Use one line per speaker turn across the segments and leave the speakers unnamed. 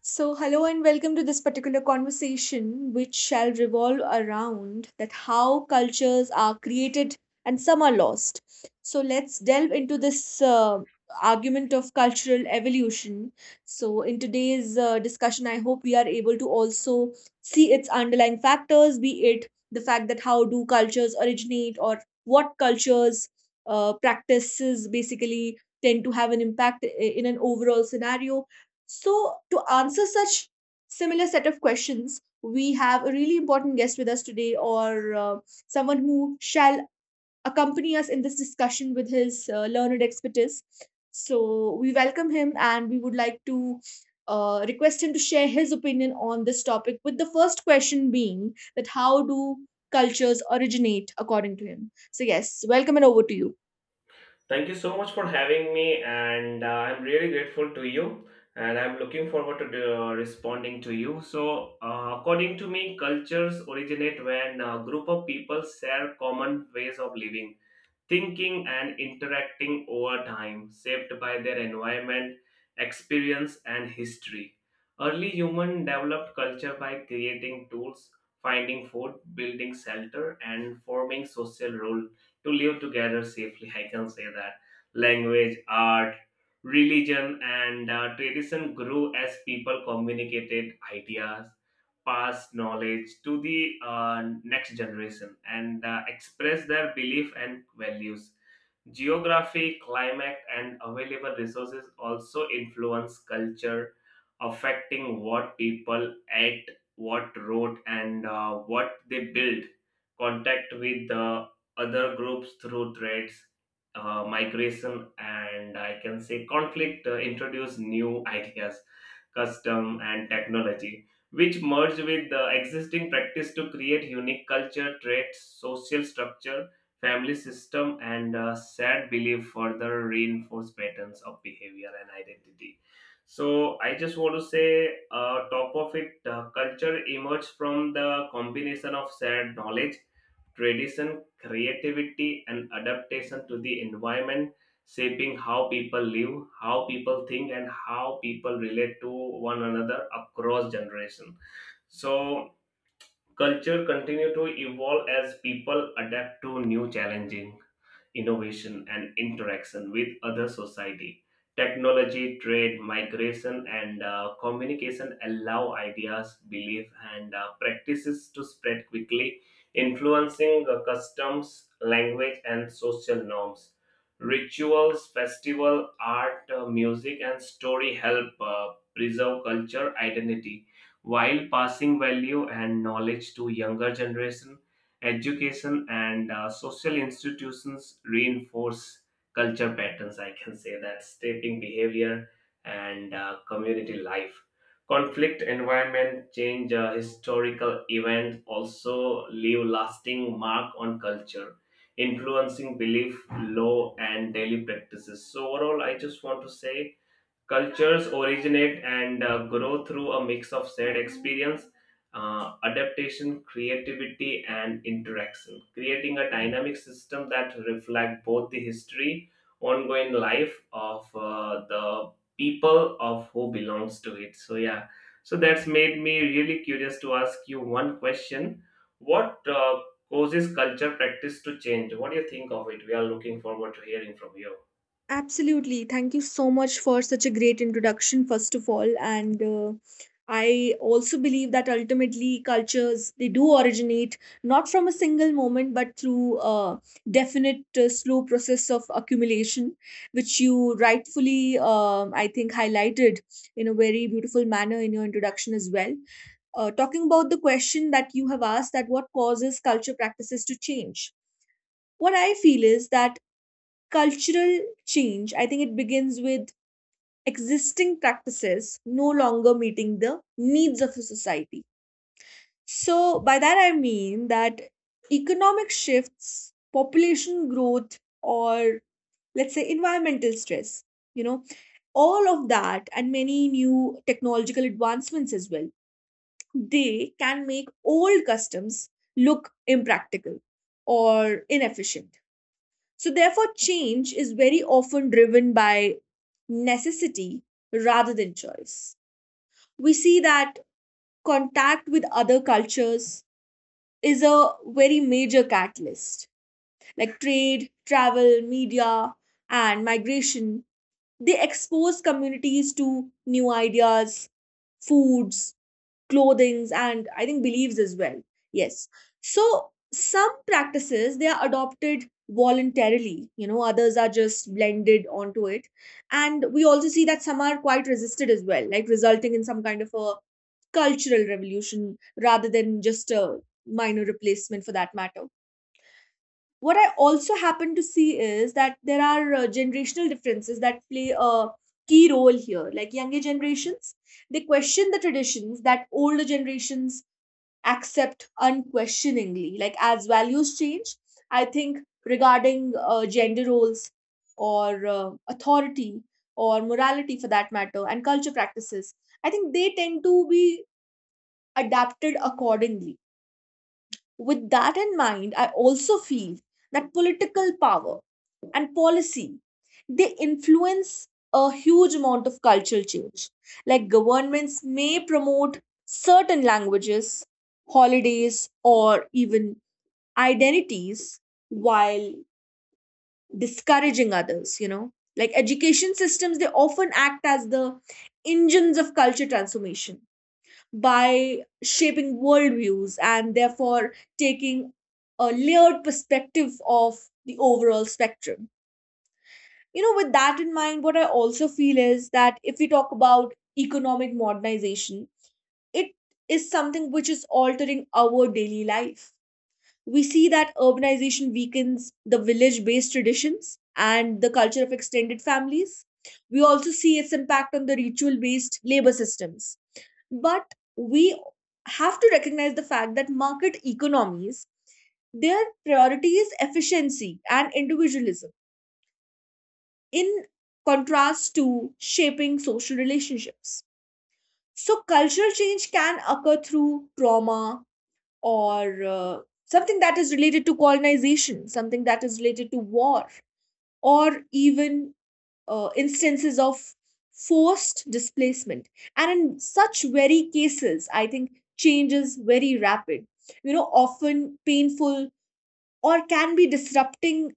So, hello and welcome to this particular conversation, which shall revolve around that how cultures are created and some are lost. So, let's delve into this argument of cultural evolution. So, in today's discussion, I hope we are able to also see its underlying factors, be it the fact that how do cultures originate or what cultures practices basically tend to have an impact in an overall scenario. So, to answer such similar set of questions, we have a really important guest with us today, or someone who shall accompany us in this discussion with his learned expertise. So, we welcome him and we would like to request him to share his opinion on this topic, with the first question being that how do cultures originate according to him? So, yes, welcome and over to you.
Thank you so much for having me, and I'm really grateful to you. And I'm looking forward to responding to you. According to me, cultures originate when a group of people share common ways of living thinking and interacting over time, shaped by their environment, experience, and history. Early humans developed culture by creating tools, finding food, building shelter, and forming social rule to live together safely. I can say that language, art, religion, and tradition grew as people communicated ideas pass knowledge to the next generation and express their belief and values. Geography, climate, and available resources also influence culture, affecting what people ate, what wrote, and what they build. Contact with other groups through trades, migration, and I can say conflict introduce new ideas, custom, and technology, which merge with the existing practice to create unique culture, traits, social structure family system and sad belief further reinforce patterns of behavior and identity. So I just want to say top of it culture emerges from the combination of shared knowledge tradition creativity and adaptation to the environment shaping how people live, how people think, and how people relate to one another across generation. So culture continue to evolve as people adapt to new challenges innovation and interaction with other society. Technology trade migration and communication allow ideas belief and practices to spread quickly, influencing customs language and social norms. Rituals festival art music and story help preserve culture identity while passing value and knowledge to younger generation. Education and social institutions reinforce culture patterns, I can say that, shaping behavior and community life. Conflict environment change historical events also leave lasting mark on culture, influencing belief law and daily practices. So overall I just want to say cultures originate and grow through a mix of shared experience, adaptation, creativity, and interaction, creating a dynamic system that reflects both the history, ongoing life of the people of who belongs to it. So yeah, so that's made me really curious to ask you one question: what causes culture practice to change? What do you think of it? We are looking forward to hearing from you.
Absolutely. Thank you so much for such a great introduction, first of all. And I also believe that ultimately cultures, they do originate not from a single moment, but through a definite slow process of accumulation, which you rightfully, I think, highlighted in a very beautiful manner in your introduction as well. Talking about the question that you have asked, that what causes culture practices to change, what I feel is that cultural change, I think it begins with existing practices no longer meeting the needs of a society. So, by that I mean that economic shifts, population growth, or let's say environmental stress, you know, all of that and many new technological advancements as well, they can make old customs look impractical or inefficient. So, therefore, change is very often driven by necessity rather than choice. We see that contact with other cultures is a very major catalyst, like trade, travel, media, and migration. They expose communities to new ideas, foods, clothings, and I think beliefs as well. Yes. So some practices, they are adopted voluntarily, you know, others are just blended onto it, and we also see that some are quite resisted as well, like resulting in some kind of a cultural revolution rather than just a minor replacement for that matter. What I also happen to see is that there are generational differences that play a key role here, like younger generations, they question the traditions that older generations accept unquestioningly. Like as values change, I think regarding gender roles or authority or morality for that matter, and culture practices, I think they tend to be adapted accordingly. With that in mind, I also feel that political power and policy, they influence a huge amount of cultural change. Like governments may promote certain languages, holidays, or even identities while discouraging others, you know. Like education systems, they often act as the engines of culture transformation by shaping worldviews and therefore taking a layered perspective of the overall spectrum. You know, with that in mind, what I also feel is that if we talk about economic modernization, it is something which is altering our daily life. We see that urbanization weakens the village based traditions and the culture of extended families. We also see its impact on the ritual based labor systems, but we have to recognize the fact that market economies, their priority is efficiency and individualism in contrast to shaping social relationships. So cultural change can occur through trauma or something that is related to colonization, something that is related to war, or even instances of forced displacement. And in such very cases, I think change is very rapid, you know, often painful or can be disrupting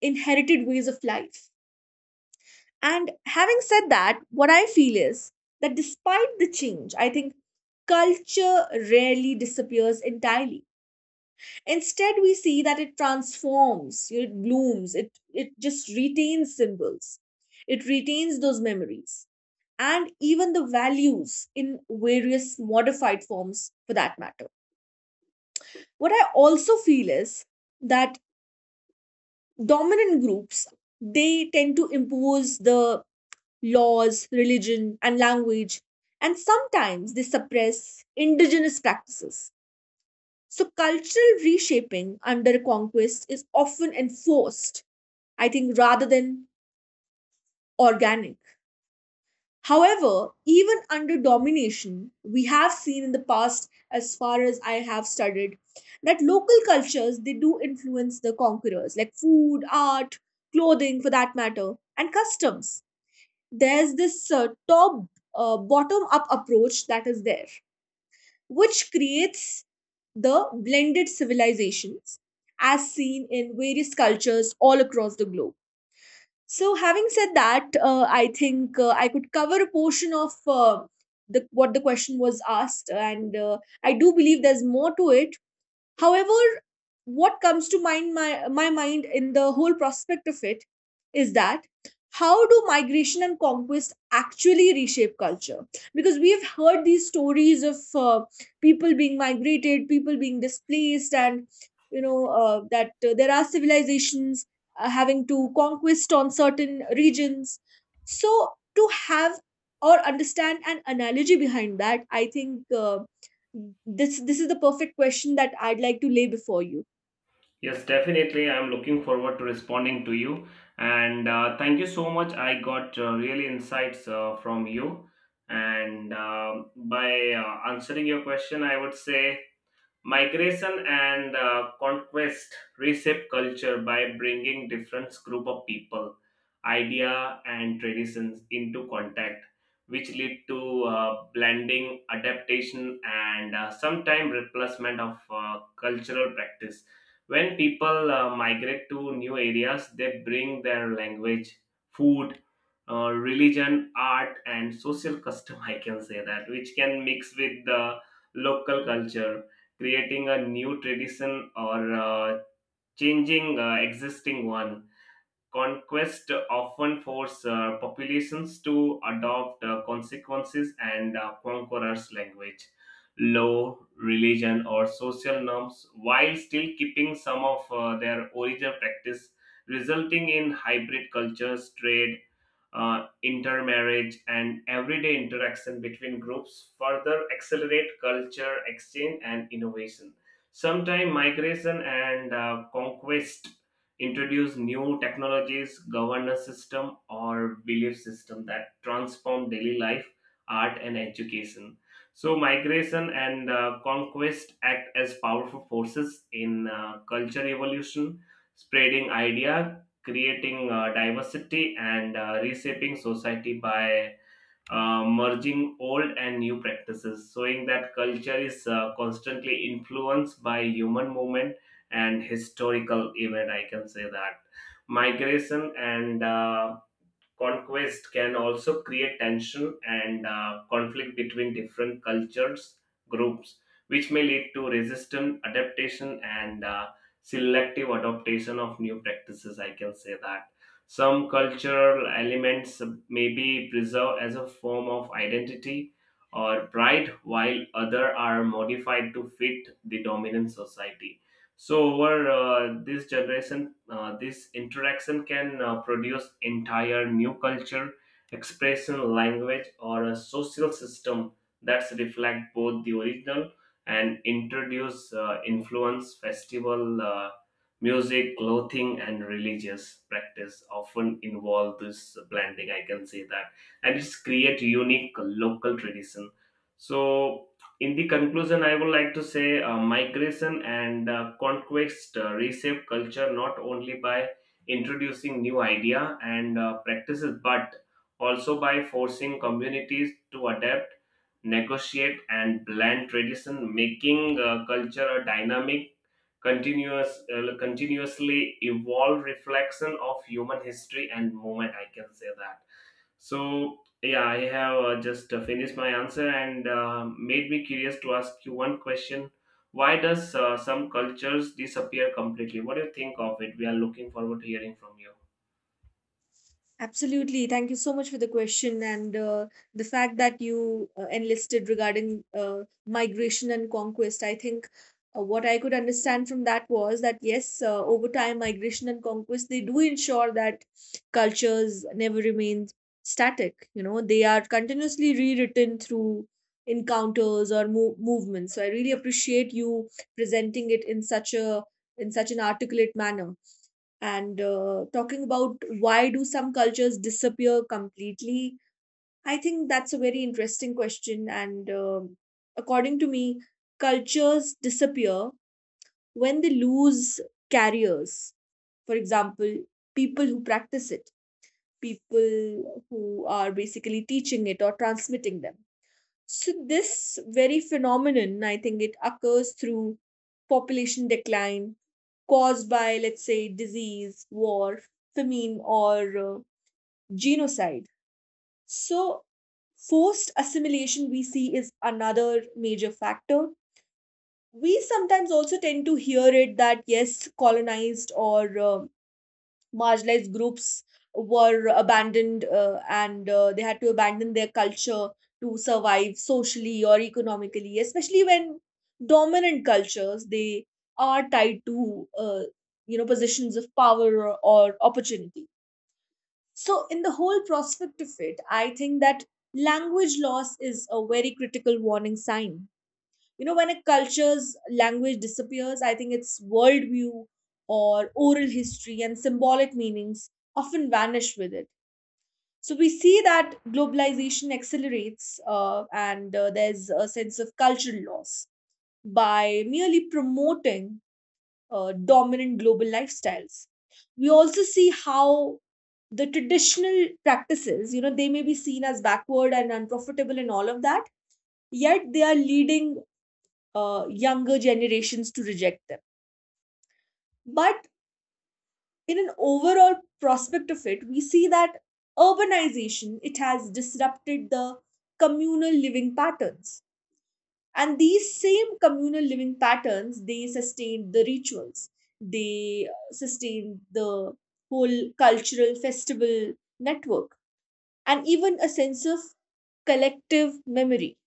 inherited ways of life. And having said that, what I feel is that despite the change, I think culture rarely disappears entirely. Instead, we see that it transforms, it blooms, it just retains symbols, it retains those memories and even the values in various modified forms for that matter. What I also feel is that dominant groups, they tend to impose the laws, religion, and language, and sometimes they suppress indigenous practices. So, cultural reshaping under conquest is often enforced, I think, rather than organic. However, even under domination, we have seen in the past, as far as I have studied, that local cultures, they do influence the conquerors, like food, art, clothing, for that matter, and customs. There's this top bottom up approach that is there, which creates the blended civilizations as seen in various cultures all across the globe. So, having said that, I think I could cover a portion of the what the question was asked, and I do believe there's more to it. However, what comes to mind my my mind in the whole prospect of it is that how do migration and conquest actually reshape culture, because we have heard these stories of people being migrated, people being displaced, and you know that there are civilizations having to conquest on certain regions. So to have or understand an analogy behind that, I think this is the perfect question that I'd like to lay before you.
Yes, definitely. I'm looking forward to responding to you. And thank you so much. I got really insights from you. And by answering your question, I would say migration and conquest reshape culture by bringing different group of people idea and traditions into contact, which lead to blending adaptation and sometimes replacement of cultural practice. When people migrate to new areas they bring their language food, religion art and social custom, I can say that, which can mix with the local culture creating a new tradition or changing existing one. Conquest often force populations to adopt consequences and conquerors' language, law, religion, or social norms, while still keeping some of their original practice, resulting in hybrid cultures, trade, intermarriage, and everyday interaction between groups further accelerate culture exchange and innovation. Sometimes migration and conquest introduce new technologies, governance system, or belief system that transform daily life, art, and education. So migration and conquest act as powerful forces in culture evolution, spreading idea, creating diversity and reshaping society by merging old and new practices, showing that culture is constantly influenced by human movement and historical event. I can say that migration and conquest can also create tension and conflict between different cultures groups, which may lead to resistant adaptation and selective adaptation of new practices. I can say that some cultural elements may be preserved as a form of identity or pride while other are modified to fit the dominant society. So over this generation, this interaction can produce entire new culture, expression, language, or a social system that's reflect both the original and introduce influence, festival, music, clothing, and religious practice often involve this blending. I can say that, and it's create unique local tradition. So in the conclusion, I would like to say migration and conquest reshape culture not only by introducing new idea and practices, but also by forcing communities to adapt, negotiate, and blend tradition, making culture a dynamic, continuously evolved reflection of human history and movement. I can say that. So yeah, I have just finished my answer and made me curious to ask you one question. Why does some cultures disappear completely? What do you think of it? We are looking forward to hearing from you.
Absolutely. Thank you so much for the question and the fact that you enlisted regarding migration and conquest. I think what I could understand from that was that, yes, over time, migration and conquest, they do ensure that cultures never remain static. You know, they are continuously rewritten through encounters or movements. So I really appreciate you presenting it in such a, in such an articulate manner, and talking about why do some cultures disappear completely. I think that's a very interesting question, and according to me, cultures disappear when they lose carriers, for example, people who practice it, people who are basically teaching it or transmitting them. So this very phenomenon, I think it occurs through population decline caused by, let's say, disease, war, famine, or genocide. So forced assimilation we see is another major factor. We sometimes also tend to hear it that yes, colonized or marginalized groups were abandoned and they had to abandon their culture to survive socially or economically, especially when dominant cultures, they are tied to you know, positions of power or opportunity. So in the whole prospect of it, I think that language loss is a very critical warning sign. You know, when a culture's language disappears, I think its worldview or oral history and symbolic meanings often vanish with it. So we see that globalization accelerates and there's a sense of cultural loss by merely promoting dominant global lifestyles. We also see how the traditional practices, you know, they may be seen as backward and unprofitable and all of that, yet they are leading younger generations to reject them. But in an overall prospect of it, we see that urbanization, it has disrupted the communal living patterns, and these same communal living patterns, they sustained the rituals, they sustained the whole cultural festival network, and even a sense of collective memory.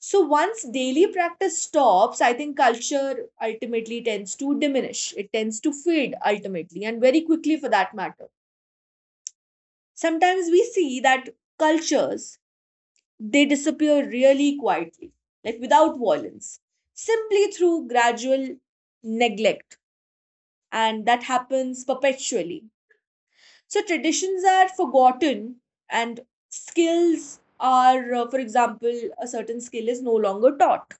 So once daily practice stops, I think culture ultimately tends to diminish. It tends to fade ultimately and very quickly for that matter. Sometimes we see that cultures, they disappear really quietly, like without violence, simply through gradual neglect. And that happens perpetually. So traditions are forgotten and skills are, for example, a certain skill is no longer taught.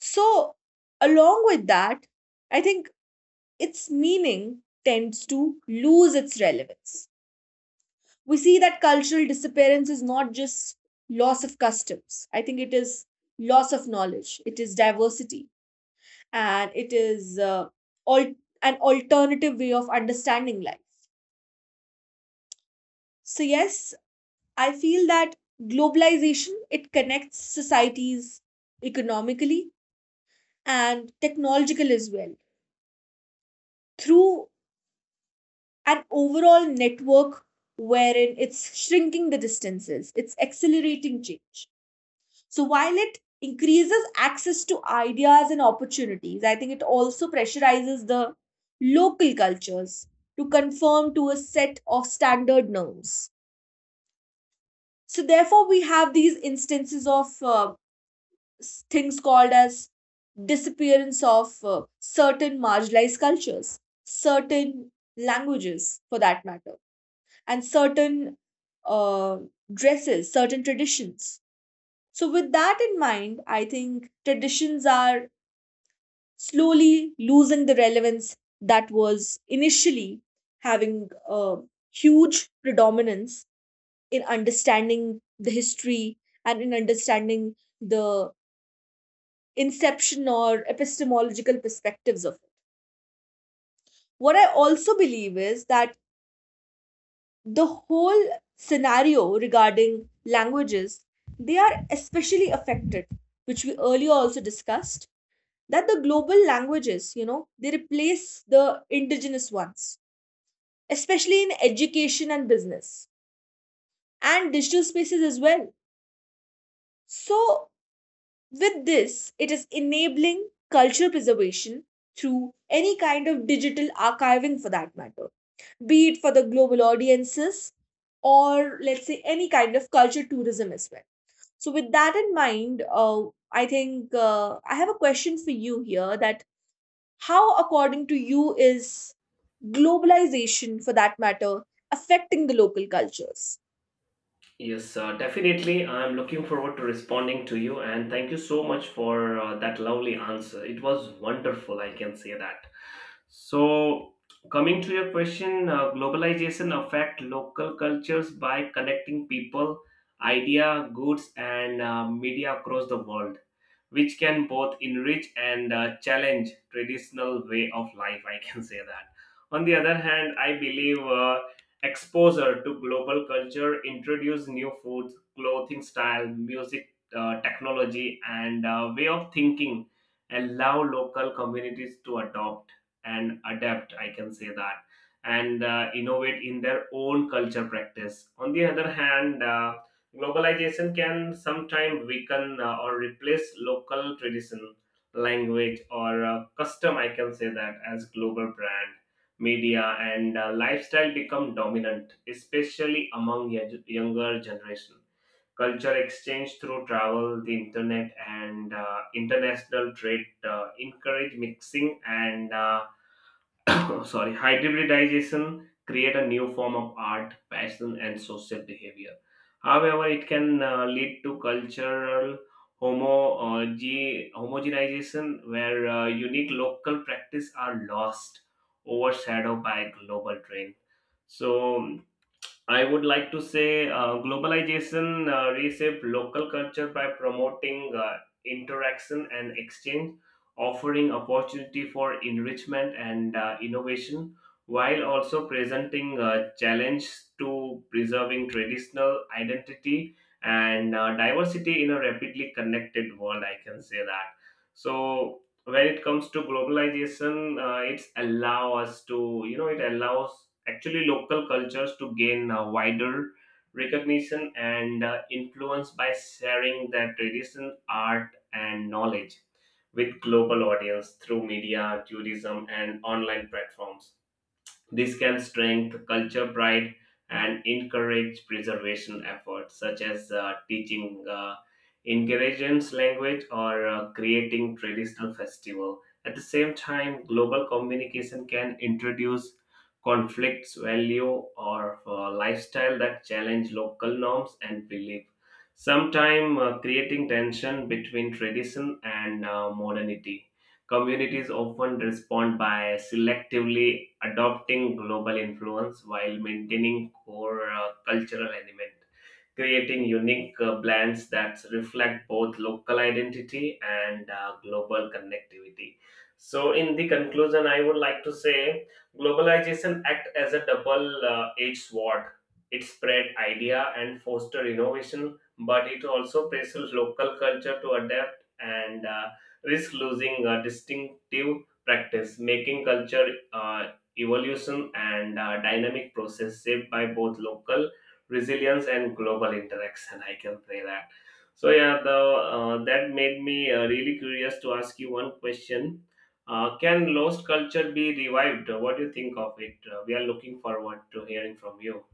So, along with that, I think its meaning tends to lose its relevance. We see that cultural disappearance is not just loss of customs, I think it is loss of knowledge, it is diversity, and it is al- an alternative way of understanding life. So, yes, I feel that globalization, it connects societies economically and technological as well through an overall network wherein it's shrinking the distances, it's accelerating change. So while it increases access to ideas and opportunities, I think it also pressurizes the local cultures to conform to a set of standard norms. So therefore, we have these instances of things called as disappearance of certain marginalized cultures, certain languages for that matter, and certain uh, dresses, certain traditions. So, with that in mind, I think traditions are slowly losing the relevance that was initially having a huge predominance in understanding the history and in understanding the inception or epistemological perspectives of it. What I also believe is that the whole scenario regarding languages, they are especially affected, which we earlier also discussed, that the global languages, they replace the indigenous ones, especially in education and business and digital spaces as well. So with this, it is enabling culture preservation through any kind of digital archiving, for that matter, be it for the global audiences or, let's say, any kind of culture tourism as well. So, with that in mind, I think I have a question for you here, that how, according to you, is globalization, for that matter, affecting the local cultures?
Yes, definitely. I'm looking forward to responding to you, and thank you so much for that lovely answer. It was wonderful, I can say that. So, coming to your question, globalization affect local cultures by connecting people, idea, goods, and media across the world, which can both enrich and challenge traditional way of life. I can say that. On the other hand, I believe exposure to global culture introduce new foods, clothing style, music, technology, and way of thinking, allow local communities to adopt and adapt, I can say that, and innovate in their own culture practice. On the other hand, globalization can sometimes weaken or replace local tradition language or custom, I can say that, as global brand media and lifestyle become dominant especially among younger generation. Culture exchange through travel, the internet, and international trade encourage mixing and sorry hybridization create a new form of art passion and social behavior. However it can lead to cultural homo homogenization where unique local practice are lost, overshadowed by global trend. So I would like to say globalization reshaped local culture by promoting interaction and exchange, offering opportunity for enrichment and innovation, while also presenting challenge to preserving traditional identity and diversity in a rapidly connected world. I can say that. So when it comes to globalization, it's allow us to, you know, it allows actually local cultures to gain a wider recognition and influence by sharing their tradition art and knowledge with global audience through media tourism and online platforms. This can strengthen culture pride and encourage preservation efforts such as teaching ingredients language or creating traditional festival. At the same time, global communication can introduce conflicts, value, or lifestyle that challenge local norms and belief. Sometimes creating tension between tradition and modernity. Communities often respond by selectively adopting global influence while maintaining core cultural element, creating unique blends that reflect both local identity and global connectivity. So, in the conclusion, I would like to say globalization acts as a double-edged sword. It spread idea and foster innovation, but it also pressures local culture to adapt and risk losing a distinctive practice, making culture uh, evolution and dynamic process shaped by both local resilience and global interaction. I can say that. So yeah, the that made me really curious to ask you one question. Can lost culture be revived? What do you think of it? We are looking forward to hearing from you.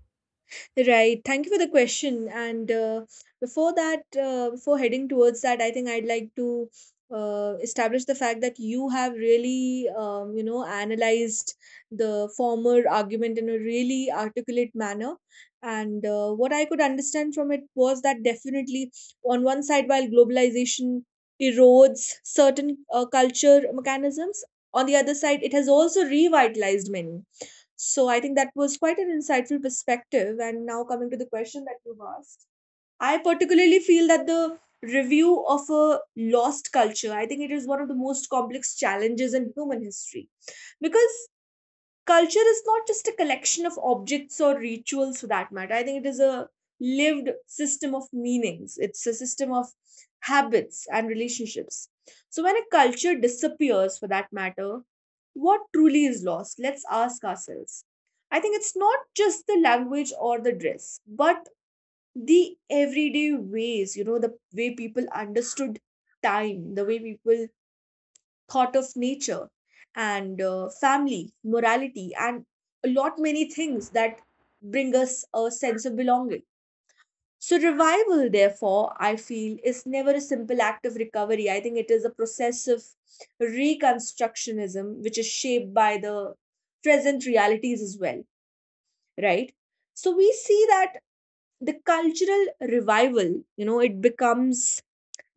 Right. Thank you for the question. And before that, before heading towards that, I think I'd like to establish the fact that you have really, you know, analyzed the former argument in a really articulate manner. And what I could understand from it was that definitely, on one side, while globalization erodes certain culture mechanisms, on the other side, it has also revitalized many. So I think that was quite an insightful perspective. And now, coming to the question that you've asked, I particularly feel that the review of a lost culture, I think it is one of the most complex challenges in human history, because culture is not just a collection of objects or rituals, for that matter. I think it is a lived system of meanings, it's a system of habits and relationships. So, when a culture disappears, for that matter, what truly is lost? Let's ask ourselves. I think it's not just the language or the dress, but the everyday ways, you know, the way people understood time, the way people thought of nature and family, morality, and a lot many things that bring us a sense of belonging. So, revival, therefore, I feel is never a simple act of recovery. I think it is a process of reconstructionism, which is shaped by the present realities as well, right? So, we see that the cultural revival, you know, it becomes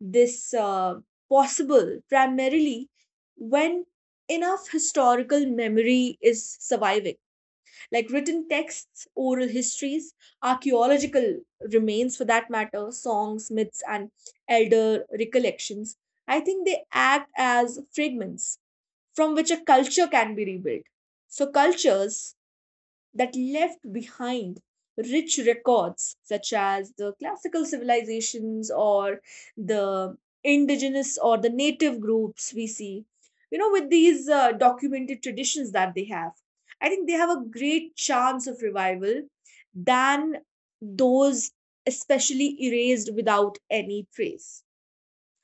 this possible primarily when enough historical memory is surviving, like written texts, oral histories, archaeological remains, for that matter, songs, myths, and elder recollections. I think they act as fragments from which a culture can be rebuilt. So cultures that left behind rich records, such as the classical civilizations or the indigenous or the native groups, we see, you know, with these documented traditions that they have, I think they have a great chance of revival than those especially erased without any trace.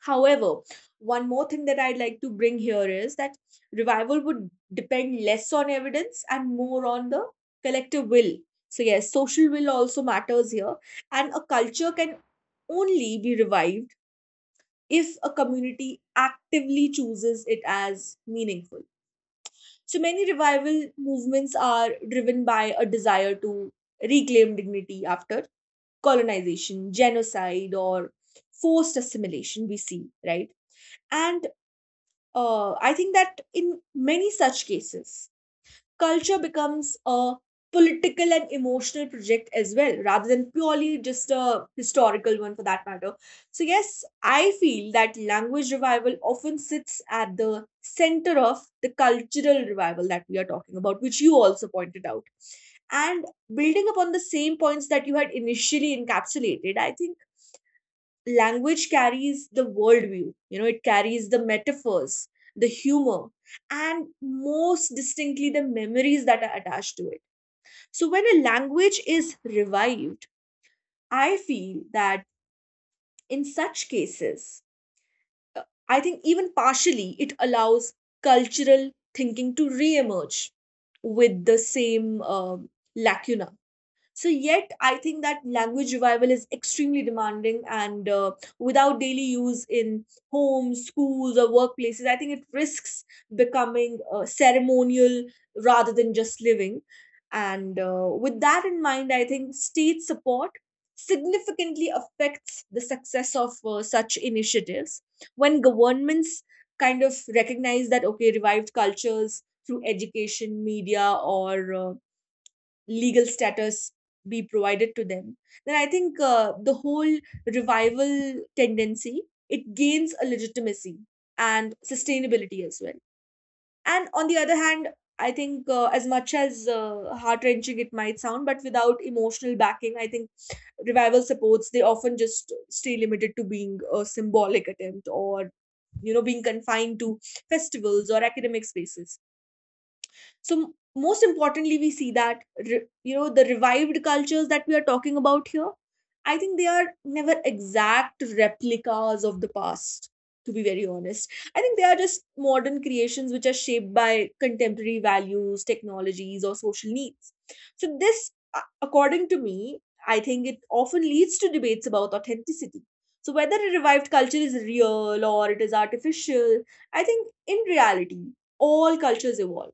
However, one more thing that I'd like to bring here is that revival would depend less on evidence and more on the collective will. So, yes, social will also matters here. And a culture can only be revived if a community actively chooses it as meaningful. So, many revival movements are driven by a desire to reclaim dignity after colonization, genocide, or forced assimilation, we see, right? And I think that in many such cases, culture becomes a political and emotional project as well, rather than purely just a historical one, for that matter. So, yes, I feel that language revival often sits at the center of the cultural revival that we are talking about, which you also pointed out. And building upon the same points that you had initially encapsulated, I think language carries the worldview, you know, it carries the metaphors, the humor, and most distinctly the memories that are attached to it. So when a language is revived, I feel that in such cases, I think even partially it allows cultural thinking to re emerge with the same lacuna. So, yet I think that language revival is extremely demanding, and without daily use in homes, schools, or workplaces, I think it risks becoming ceremonial rather than just living. And with that in mind, I think state support significantly affects the success of such initiatives. When governments kind of recognize that, okay, revived cultures through education, media, or legal status be provided to them, then I think the whole revival tendency, it gains a legitimacy and sustainability as well. And on the other hand, I think as much as heart wrenching it might sound, but without emotional backing, I think revival supports, they often just stay limited to being a symbolic attempt or, you know, being confined to festivals or academic spaces. so m- Most importantly, we see that you know, the revived cultures that we are talking about here, I think they are never exact replicas of the past, to be very honest. I think they are just modern creations which are shaped by contemporary values, technologies, or social needs. So this, according to me, I think it often leads to debates about authenticity. So whether a revived culture is real or it is artificial, I think in reality, all cultures evolve,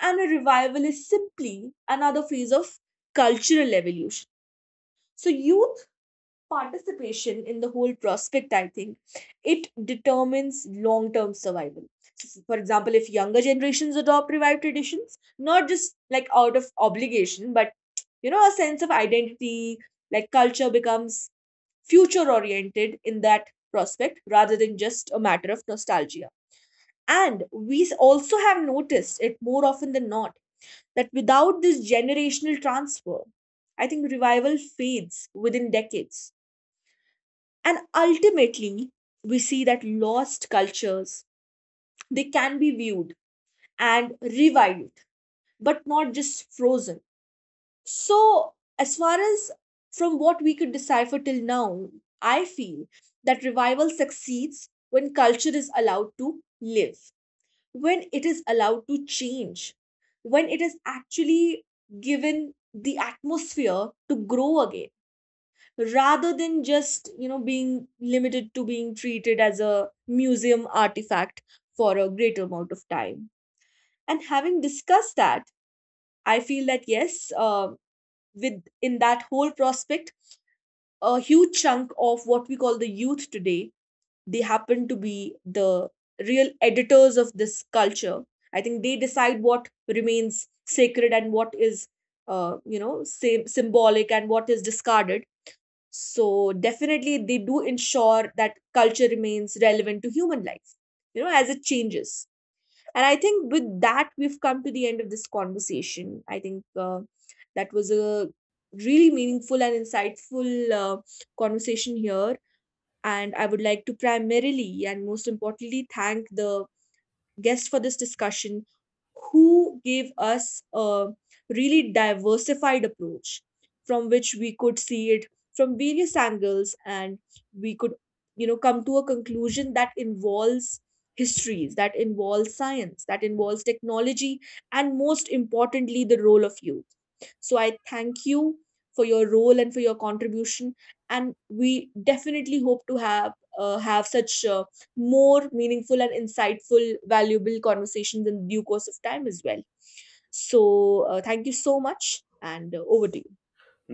and a revival is simply another phase of cultural evolution. So, youth participation in the whole prospect, I think, it determines long term survival. So, for example, if younger generations adopt revived traditions, not just like out of obligation, but, you know, a sense of identity, like culture becomes future oriented in that prospect rather than just a matter of nostalgia. And we also have noticed it more often than not that without this generational transfer, I think revival fades within decades. And ultimately, we see that lost cultures, they can be viewed and revived, but not just frozen. So, as far as from what we could decipher till now, I feel that revival succeeds when culture is allowed to live, when it is allowed to change, when it is actually given the atmosphere to grow again, rather than just, you know, being limited to being treated as a museum artifact for a greater amount of time. And having discussed that, I feel that yes, with in that whole prospect, a huge chunk of what we call the youth today, they happen to be the real editors of this culture. I think they decide what remains sacred and what is you know, same symbolic, and what is discarded. So definitely they do ensure that culture remains relevant to human life, you know, as it changes. And I think with that we've come to the end of this conversation. I think that was a really meaningful and insightful uh, conversation here. And I would like to primarily and most importantly thank the guest for this discussion, who gave us a really diversified approach from which we could see it from various angles, and we could, you know, come to a conclusion that involves histories, that involves science, that involves technology, and most importantly the role of youth. So I thank you for your role and for your contribution. And we definitely hope to have such more meaningful and insightful, valuable conversations in due course of time as well. So, thank you so much, and over to you.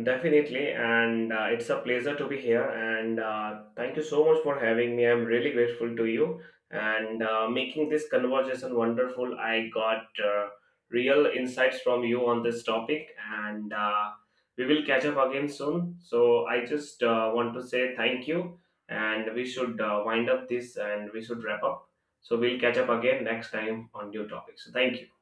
Definitely, and it's a pleasure to be here. And thank you so much for having me. I'm really grateful to you and making this conversation wonderful. I got real insights from you on this topic, and we will catch up again soon. So I just want to say thank you, and we should wind up this and we should wrap up. So we'll catch up again next time on new topics. So thank you.